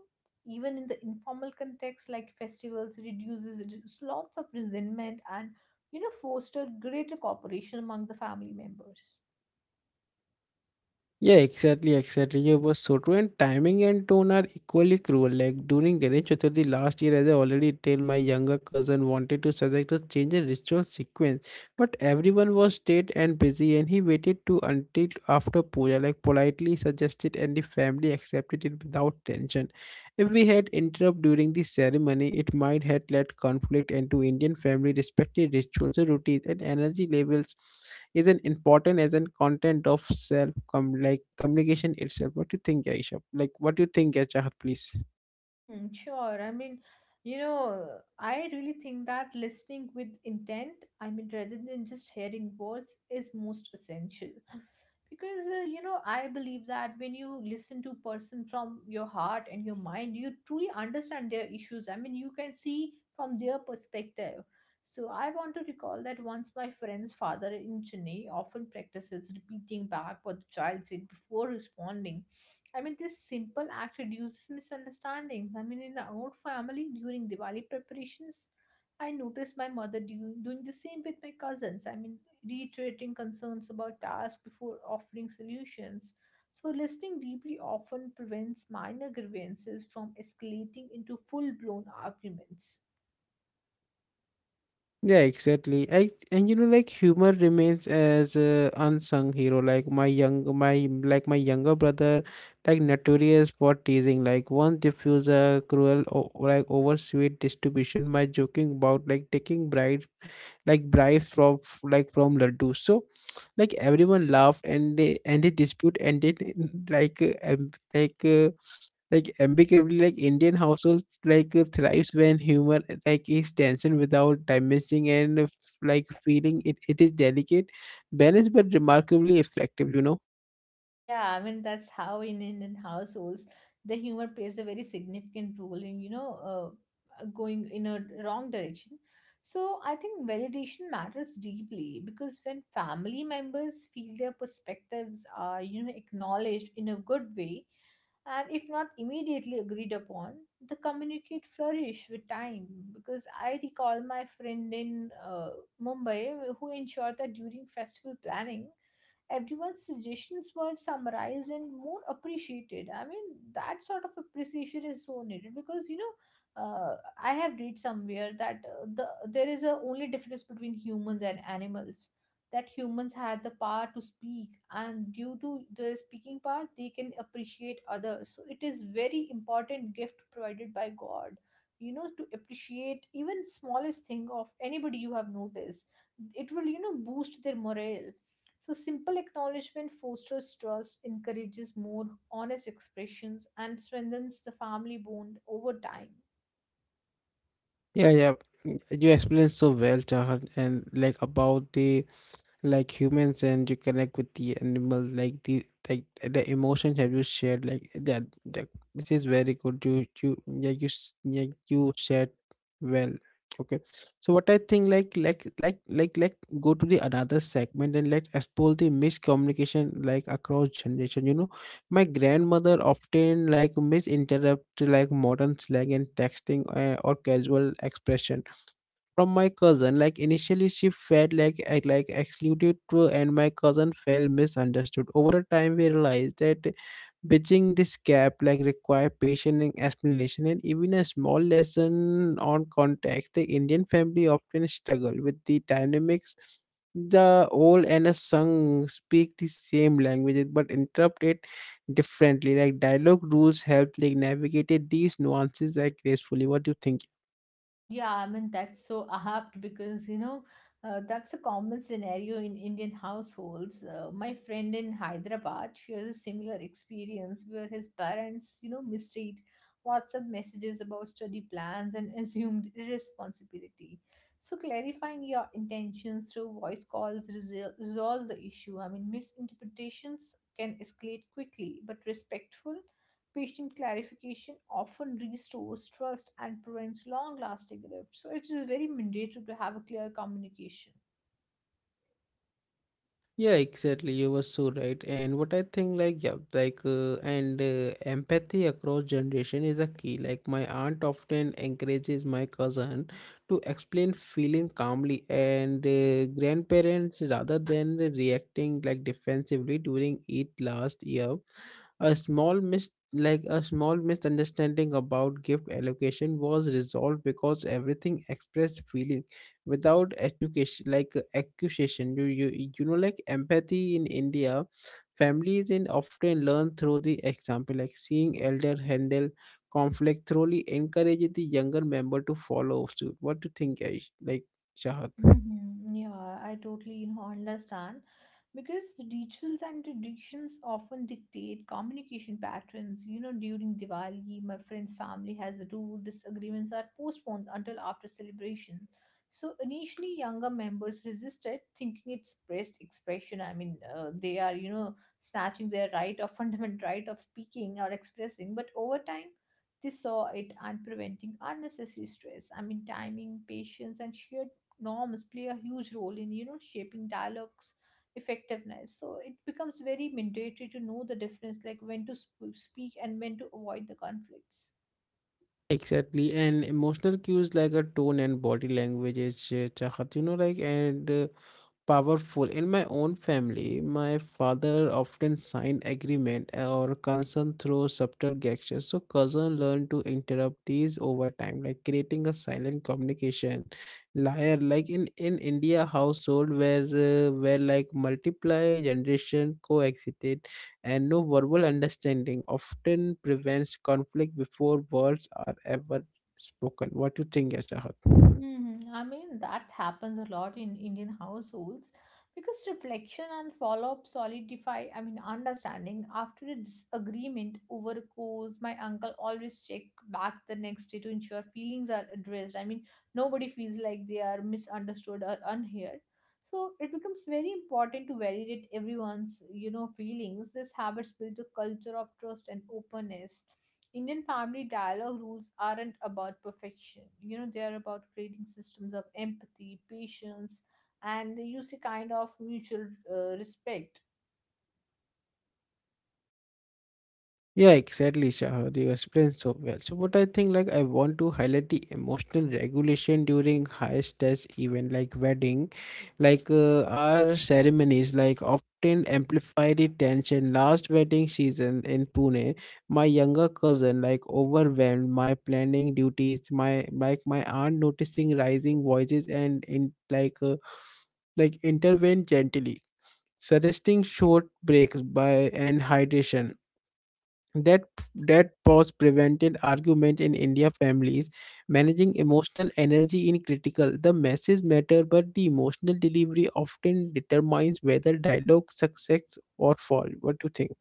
B: even in the informal context like festivals reduces lots of resentment and foster greater cooperation among the family members.
A: Yeah, exactly, exactly. You were so true. And timing and tone are equally cruel. Like during Ganesh Chaturthi last year, as I already tell, my younger cousin wanted to suggest to change the ritual sequence, but everyone was state and busy, and he waited to until after puja, like politely suggested, and the family accepted it without tension. If we had interrupt during the ceremony, it might had led conflict. And to Indian family respected rituals, routines, and energy levels is an important as an content of self communication itself. What do you think, Aisha, like what do you think, Chahat, please?
B: Mm-hmm, sure. I mean, you know, I really think that listening with intent, I mean, rather than just hearing words, is most essential. Because, I believe that when you listen to person from your heart and your mind, you truly understand their issues. I mean, you can see from their perspective. So I want to recall that once my friend's father in Chennai often practices repeating back what the child said before responding. I mean, this simple act reduces misunderstandings. I mean, in our own family, during Diwali preparations, I noticed my mother doing the same with my cousins. I mean, reiterating concerns about tasks before offering solutions. So, listening deeply often prevents minor grievances from escalating into full blown arguments.
A: Yeah, exactly. I, and you know, like humor remains as a unsung hero. Like my younger brother, like notorious for teasing, like once diffuse a cruel over sweet distribution, my joking about like taking bribes, like bribes from Laddu. So like everyone laughed, and the dispute ended in, like amicably. Like Indian households thrives when humor like is tension without damaging and feeling it. It is delicate, balanced, but remarkably effective, you know.
B: Yeah, I mean that's how in Indian households the humor plays a very significant role in going in a wrong direction. So I think validation matters deeply because when family members feel their perspectives are acknowledged in a good way, and if not immediately agreed upon, the communicate flourish with time. Because I recall my friend in Mumbai who ensured that during festival planning everyone's suggestions were summarized and more appreciated. I mean, that sort of appreciation is so needed because I have read somewhere that there is a only difference between humans and animals. That humans had the power to speak, and due to the speaking part, they can appreciate others. So it is very important gift provided by God. You know, to appreciate even smallest thing of anybody you have noticed, it will boost their morale. So, simple acknowledgement fosters trust, encourages more honest expressions, and strengthens the family bond over time.
A: Yeah, yeah. You explained so well, Chahan, and like about the like humans and you connect with the animal like the emotions have you shared like that, this is very good. You you yeah you s- yeah, you shared well. Okay, so what I think, like, go to the another segment and let's explore the miscommunication like across generation. My grandmother often like misinterpret like modern slang and texting, or casual expression from my cousin. Like initially she felt like I like excluded too, and my cousin felt misunderstood. Over a time we realized that bridging this gap like require patience and explanation, and even a small lesson on contact. The Indian family often struggle with the dynamics. The old and a sung speak the same languages but interpret it differently. Like dialogue rules help like navigate these nuances like gracefully. What do you think?
B: Yeah, I mean, that's so apt because, that's a common scenario in Indian households. My friend in Hyderabad shares a similar experience where his parents, mistreat WhatsApp messages about study plans and [laughs] assumed irresponsibility. So, clarifying your intentions through voice calls resolve the issue. I mean, misinterpretations can escalate quickly, but respectful, patient clarification often restores trust and prevents long lasting rifts. So, it is very mandatory to have a clear communication.
A: Yeah, exactly. You were so right. And what I think, like, yeah, like, and empathy across generation is a key. Like, my aunt often encourages my cousin to explain feeling calmly, and grandparents rather than reacting like defensively during it last year. A small misunderstanding about gift allocation was resolved because everything expressed feeling without education like accusation. Like empathy in India families in often learn through the example, like seeing elder handle conflict thoroughly, encourages the younger member to follow suit. What do you think, Aish? Like, Chahat.
B: Hmm, yeah, I totally understand because the rituals and traditions often dictate communication patterns. You know, during Diwali, my friend's family has a rule disagreements are postponed until after celebration. So initially, younger members resisted, thinking it's pressed expression. I mean, they are, snatching their right of [laughs] fundamental right of speaking or expressing. But over time, they saw it and preventing unnecessary stress. I mean, timing, patience, and sheer norms play a huge role in shaping dialogues effectiveness. So it becomes very mandatory to know the difference like when to speak and when to avoid the conflicts.
A: Exactly, and emotional cues like a tone and body language is, Chahat, you know, like and powerful. In my own family, my father often signed agreement or consent through subtle gestures. So cousin learned to interrupt these over time, like creating a silent communication layer. Like in India household where like multiply generation coexisted, and no verbal understanding often prevents conflict before words are ever spoken. What do you think, Ashahat?
B: Hmm. I mean, that happens a lot in Indian households because reflection and follow up solidify, I mean, understanding after a disagreement over a cause. My uncle always check back the next day to ensure feelings are addressed. I mean, nobody feels like they are misunderstood or unheard. So it becomes very important to validate everyone's feelings. This habits build a culture of trust and openness. Indian family dialogue rules aren't about perfection. They are about creating systems of empathy, patience, and they use a kind of mutual respect.
A: Yeah, exactly, Shahad. You explained so well. So, what I think, like, I want to highlight the emotional regulation during high stress event like wedding, like our ceremonies, like often amplify the tension. Last wedding season in Pune, my younger cousin, like, overwhelmed my planning duties. My aunt noticing rising voices and in like intervened gently, suggesting short breaks by and hydration that that pause prevented argument in India families managing emotional energy in critical. The message matter, but the emotional delivery often determines whether dialogue success or fall. What do you think?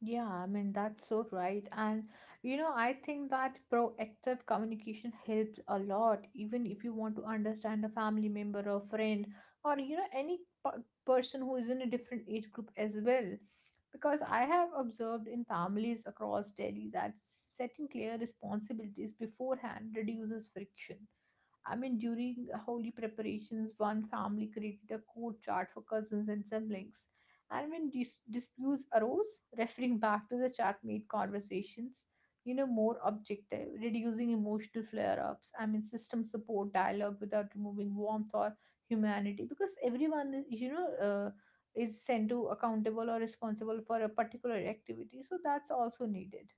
B: Yeah, I mean, that's so right. And, I think that proactive communication helps a lot, even if you want to understand a family member or friend or any person who is in a different age group as well. Because I have observed in families across Delhi that setting clear responsibilities beforehand reduces friction. I mean, during holy preparations, one family created a code chart for cousins and siblings and when disputes arose, referring back to the chat made conversations, more objective, reducing emotional flare ups. I mean, system support dialogue without removing warmth or humanity because everyone is sent to accountable or responsible for a particular activity. So that's also needed.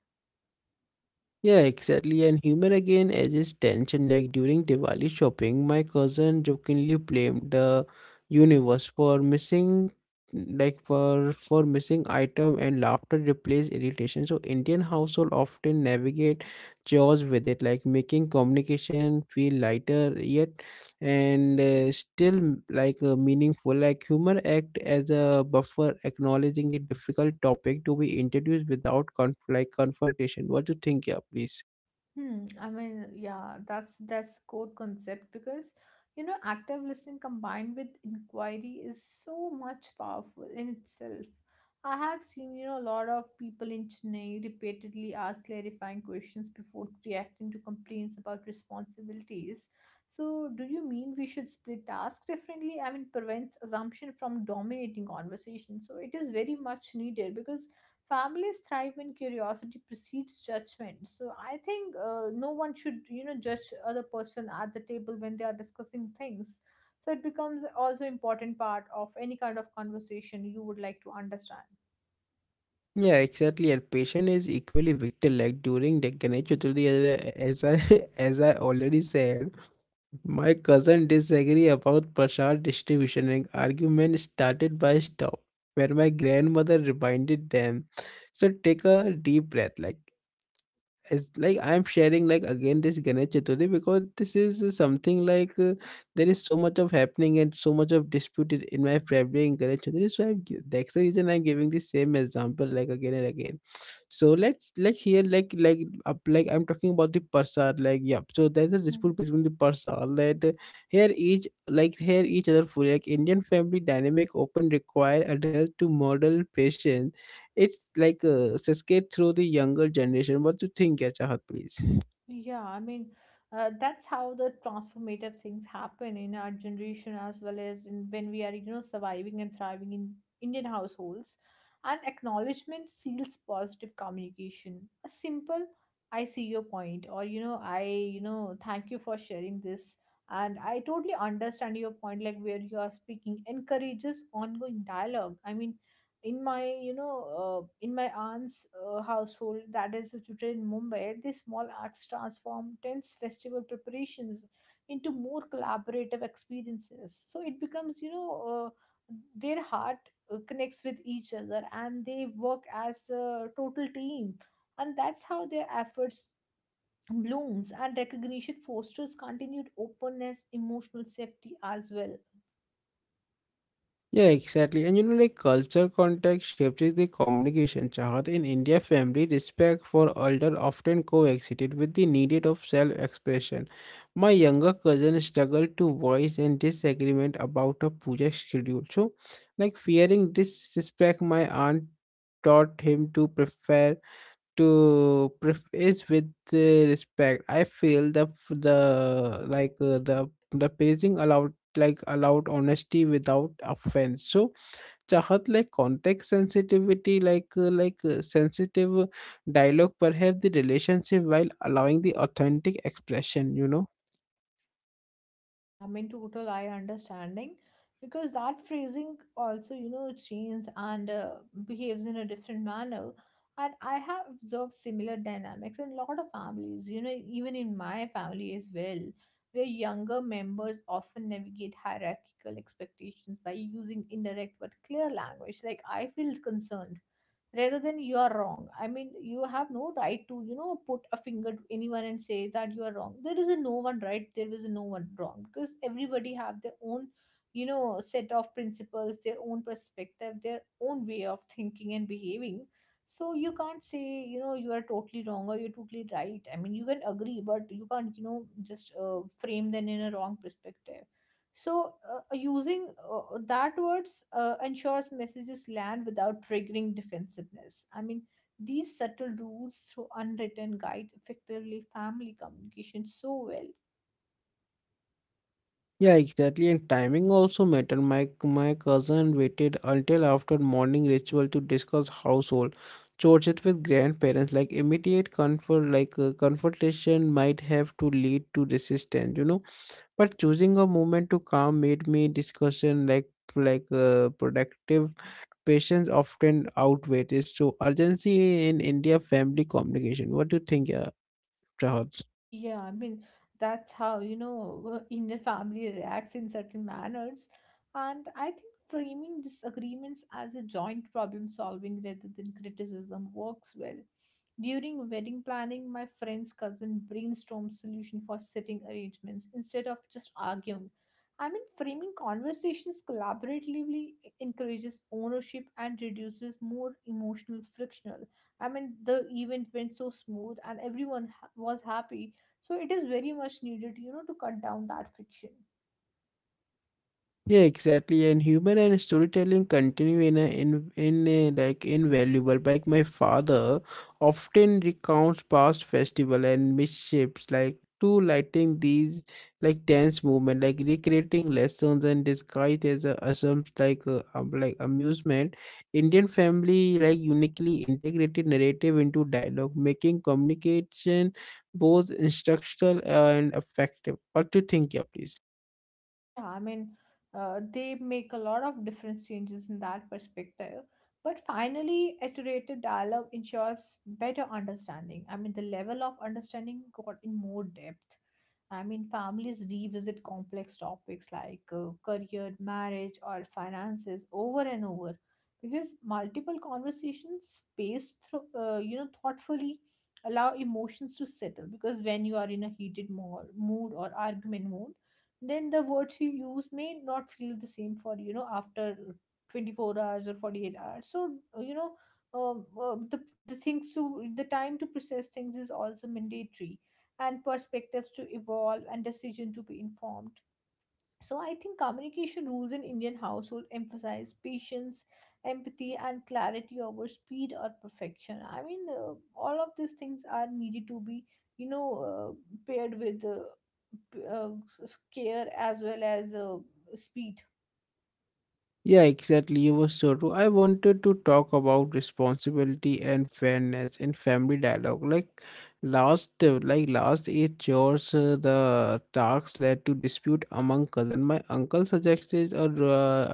A: Yeah, exactly. And human again edges tension. Like during Diwali shopping, my cousin jokingly blamed the universe for missing, like for missing item, and laughter replaced irritation. So Indian household often navigate chores with it, like making communication feel lighter yet and still meaningful like humor act as a buffer acknowledging the difficult topic to be introduced without confrontation. What do you think? Yeah, please.
B: Hmm. I mean, yeah, that's core concept because active listening combined with inquiry is so much powerful in itself. I have seen a lot of people in Chennai repeatedly ask clarifying questions before reacting to complaints about responsibilities. So, do you mean we should split tasks differently? I mean, prevents assumption from dominating conversation. So, it is very much needed because families thrive when curiosity precedes judgment. So I think no one should judge other person at the table when they are discussing things. So it becomes also important part of any kind of conversation you would like to understand.
A: Yeah, exactly, and patient is equally victor like during the Ganesh Chaturthi, as I, [laughs] as I already said, my cousin disagree about Prasad distribution and argument started by stop where my grandmother reminded them, so take a deep breath. Like, it's like I'm sharing like again this Ganesh Chaturthi because this is something like there is so much of happening and so much of disputed in my family in Ganesh Chaturthi. That's the reason I'm giving the same example like again and again. So let's like here like up like I'm talking about the Parsad, like, yeah, so there's a dispute between the Parsad that, here each other food like Indian family dynamic open require adult to model patience. It's like a cascade through the younger generation. What do you think, yeah, Chahat, please?
B: Yeah, I mean, that's how the transformative things happen in our generation as well as in when we are, surviving and thriving in Indian households. And acknowledgement seals positive communication. A simple, I see your point, or, I thank you for sharing this. And I totally understand your point, like where you are speaking, encourages ongoing dialogue. I mean, in my you know in my aunt's household that is situated in Mumbai. These small acts transform tense festival preparations into more collaborative experiences. So it becomes uh, their heart connects with each other and they work as a total team. And that's how their efforts blooms and recognition fosters continued openness, emotional safety as well.
A: Yeah, exactly. And you know, like culture context shapes the communication, Chahat. In India, family respect for elder often coexisted with the need of self-expression. My younger cousin struggled to voice in disagreement about a puja schedule. So, like fearing disrespect, my aunt taught him to prefer to preface with respect. I feel the f- the like the pacing allowed honesty without offense. So, Chahat, like context sensitivity like sensitive dialogue perhaps the relationship while allowing the authentic expression.
B: I mean, total I understanding because that phrasing also, changes and behaves in a different manner. And I have observed similar dynamics in a lot of families, even in my family as well, where younger members often navigate hierarchical expectations by using indirect but clear language. Like, I feel concerned rather than you are wrong. I mean you have no right to put a finger to anyone and say that you are wrong. There is a no one right, there is a no one wrong, because everybody have their own set of principles, their own perspective, their own way of thinking and behaving. So you can't say you are totally wrong or you're totally right. I mean you can agree but you can't just frame them in a wrong perspective. So, using that words ensures messages land without triggering defensiveness. I mean, these subtle rules through unwritten guide effectively family communication so well.
A: Yeah, exactly. And timing also matter. My cousin waited until after morning ritual to discuss household chores with grandparents. Like immediate comfort, like confrontation might have to lead to resistance. But choosing a moment to calm made me discussion like productive patience often outweighs it, so urgency in India family communication. What do you think, Chahal?
B: Yeah, I mean, that's how, Indian family reacts in certain manners. And I think framing disagreements as a joint problem solving rather than criticism works well. During wedding planning, my friend's cousin brainstormed solution for sitting arrangements instead of just arguing. I mean, framing conversations collaboratively encourages ownership and reduces more emotional frictional. I mean, the event went so smooth and everyone was happy. So it is very much needed, to cut down that friction.
A: Yeah, exactly. And humor and storytelling continue in a, like invaluable. Like my father often recounts past festival and mishaps like to lighting these like dance movement, like recreating lessons and disguised as a assumes like amusement. Indian family like uniquely integrated narrative into dialogue, making communication both instructional and effective. What do you think, yeah, please?
B: Yeah, I mean, they make a lot of different changes in that perspective. But finally, iterative dialogue ensures better understanding. I mean, the level of understanding got in more depth. I mean, families revisit complex topics like career, marriage, or finances over and over because multiple conversations spaced through, thoughtfully allow emotions to settle. Because when you are in a heated mood or argument mood, then the words you use may not feel the same for after 24 hours or 48 hours. So you know um, uh, the the things to the time to process things is also mandatory and perspectives to evolve and decision to be informed. So I think communication rules in Indian household emphasize patience, empathy, and clarity over speed or perfection. I mean, all of these things are needed to be, paired with p- uh, care as well as speed.
A: Yeah, exactly. You were so true. I wanted to talk about responsibility and fairness in family dialogue. Like last eight chores, the talks led to dispute among cousin. My uncle suggested a, ro-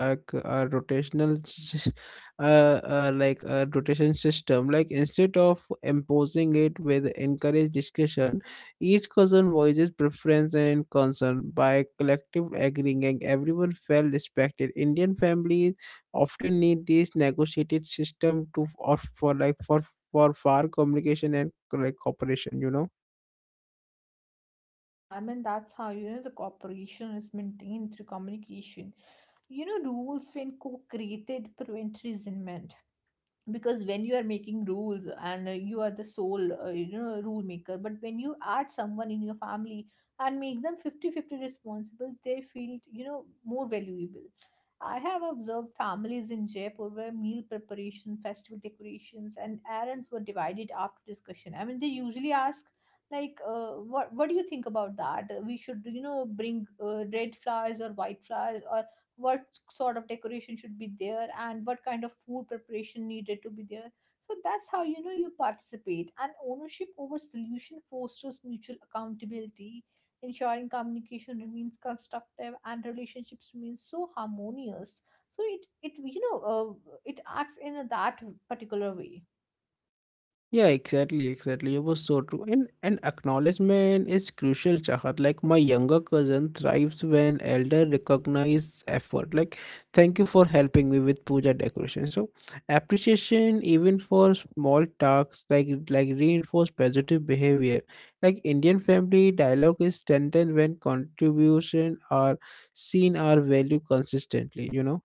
A: a, c- a uh, [laughs] like a rotation system. Like instead of imposing it, with encourage discussion each cousin voices preference and concern by collective agreeing, and everyone felt respected. Indian families often need this negotiated system to of for like for far communication and like cooperation, you know.
B: Yeah, I mean that's how the cooperation is maintained through communication. You know, rules when co-created prevent resentment because when you are making rules and you are the sole rule maker, but when you add someone in your family and make them fifty-fifty responsible they feel more valuable. I have observed families in Jaipur where meal preparation festival decorations and errands were divided after discussion. I mean they usually ask like what do you think about that, we should bring red flowers or white flowers or. What sort of decoration should be there and what kind of food preparation needed to be there. So that's how you participate and ownership over solution fosters mutual accountability, ensuring communication remains constructive and relationships remain so harmonious. So it you know it acts in that particular way.
A: Yeah, exactly, exactly. It was so true. And acknowledgement is crucial, Chahat. Like my younger cousin thrives when elder recognize effort. Like, thank you for helping me with puja decoration. So appreciation even for small tasks like reinforce positive behavior. Like Indian family dialogue is strengthened when contribution are seen are value consistently.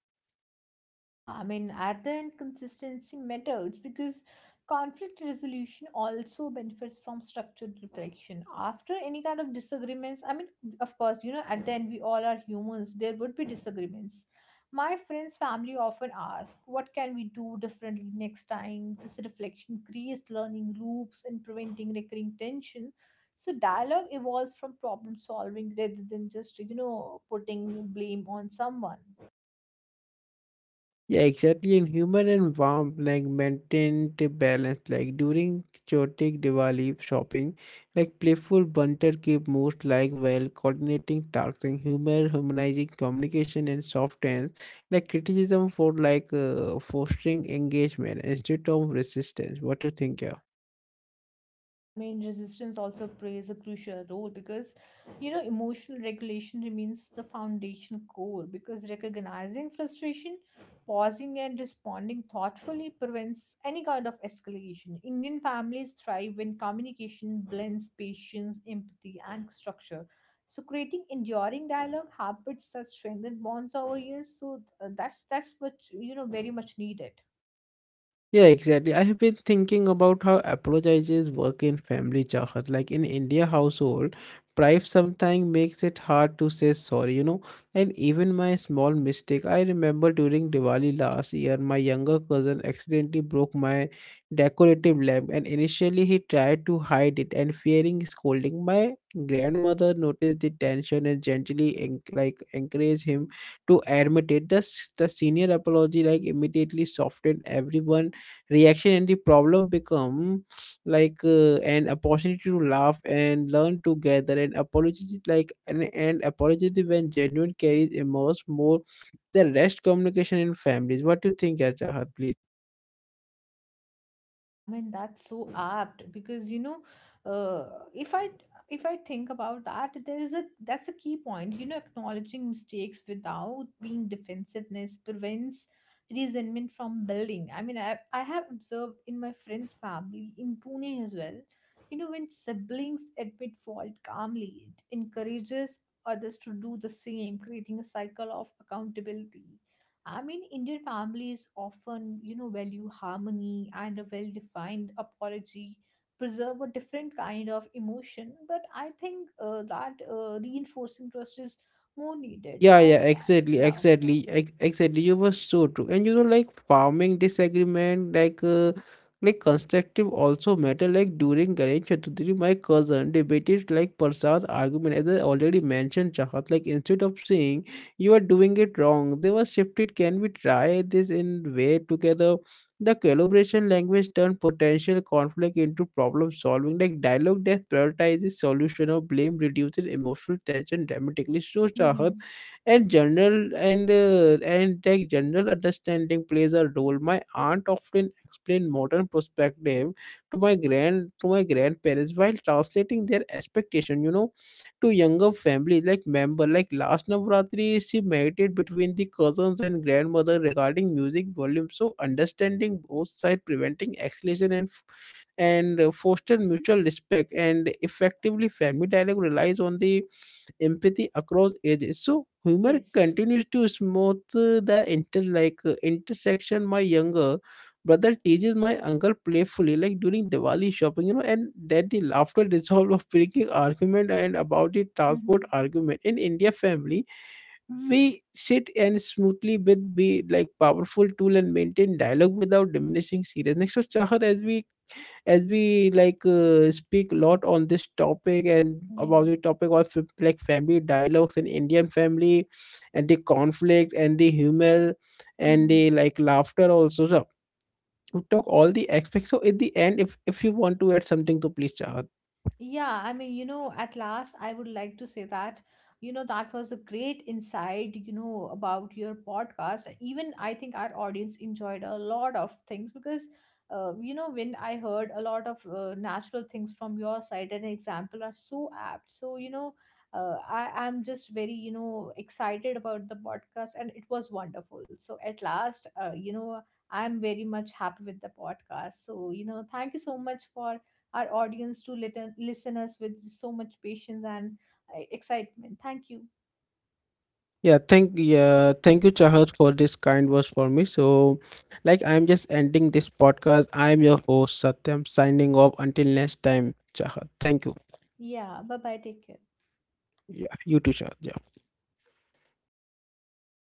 B: Yeah, I mean, at the end, consistency matters because conflict resolution also benefits from structured reflection. After any kind of disagreements, I mean, of course, at the end, we all are humans, there would be disagreements. My friends' family often ask, what can we do differently next time? This reflection creates learning loops and preventing recurring tension. So, dialogue evolves from problem solving rather than just, putting blame on someone.
A: Yeah, exactly. In humor and warmth like maintained the balance. Like during chaotic Diwali shopping, like playful banter keep moods like well coordinating tasks and humor harmonizing communication and soft hands. Like criticism for like fostering engagement instead of resistance. What do you think, yeah?
B: I mean, resistance also plays a crucial role because, emotional regulation remains the foundational core because recognizing frustration, pausing and responding thoughtfully prevents any kind of escalation. Indian families thrive when communication blends patience, empathy, and structure. So creating enduring dialogue habits that strengthen bonds over years. So that's what very much needed.
A: Yeah, exactly. I have been thinking about how apologizes work in family, Chahat. Like in India household, pride sometimes makes it hard to say sorry. And even my small mistake, I remember during Diwali last year, my younger cousin accidentally broke my decorative lamp and initially he tried to hide it and fearing scolding. My grandmother noticed the tension and gently encouraged him to admit it. Thus the senior apology like immediately softened everyone reaction, and the problem become like an opportunity to laugh and learn together. And apology like and apology when genuine carries emerge more the rest communication in families. What do you think, Ajahat? Please.
B: I mean that's so apt because uh, if I if I think about that there is a that's a key point, acknowledging mistakes without being defensiveness prevents resentment from building. I mean I have observed in my friend's family in Pune as well, when siblings admit fault calmly it encourages others to do the same, creating a cycle of accountability. I mean, Indian families often, value harmony and a well defined apology, preserve a different kind of emotion. But I think that reinforcing trust is more needed.
A: Yeah, yeah,
B: And
A: exactly,
B: yeah.
A: exactly, exactly. You were so true, and you know, like farming disagreement, like constructive also matter. Like during Ganesh Chaturthi, my cousin debated like Prasad's argument, as I already mentioned, Chahat. Like instead of saying you are doing it wrong, they were shifted. Can we try this in way together? The collaboration language turned potential conflict into problem solving, like dialogue that prioritizes solution or blame reduces emotional tension dramatically. So, Chahat,
B: Hmm.
A: and general understanding plays a role. My aunt often explained modern perspective to my grandparents while translating their expectation to younger family like member. Like last Navratri she meditated between the cousins and grandmother regarding music volume, so understanding both side preventing escalation and foster mutual respect. And effectively family dialogue relies on the empathy across ages, so humor
B: Yes.
A: continues to smooth the intersection. My younger brother teases my uncle playfully like during Diwali shopping and that the laughter dissolve of breaking argument and about the transport
B: Hmm.
A: argument in India family. We sit and smoothly with be like powerful tool and maintain dialogue without diminishing seriousness. So, Chahar, as we like speak a lot on this topic and about the
B: Yeah.
A: topic of family dialogues in Indian family and the conflict and the humor and
B: Hmm,
A: the like laughter also. So we talk all the aspects, so at the end, if you want to add something to, please, Chahat.
B: yeah, I mean, at last I would like to say that, that was a great insight, about your podcast. Even I think our audience enjoyed a lot of things because, when I heard a lot of natural things from your side, an example are so apt. So I'm just very, excited about the podcast and it was wonderful. So at last, I'm very much happy with the podcast. So, thank you so much for our audience to listen us with so much patience and excitement. Thank you.
A: Yeah, thank you, Chahat, for this kind words for me. So, like, I'm just ending this podcast. I'm your host, Satyam, signing off until next time, Chahat. Thank you.
B: Yeah, bye bye. Take care.
A: Yeah, you too, Chahat. Yeah.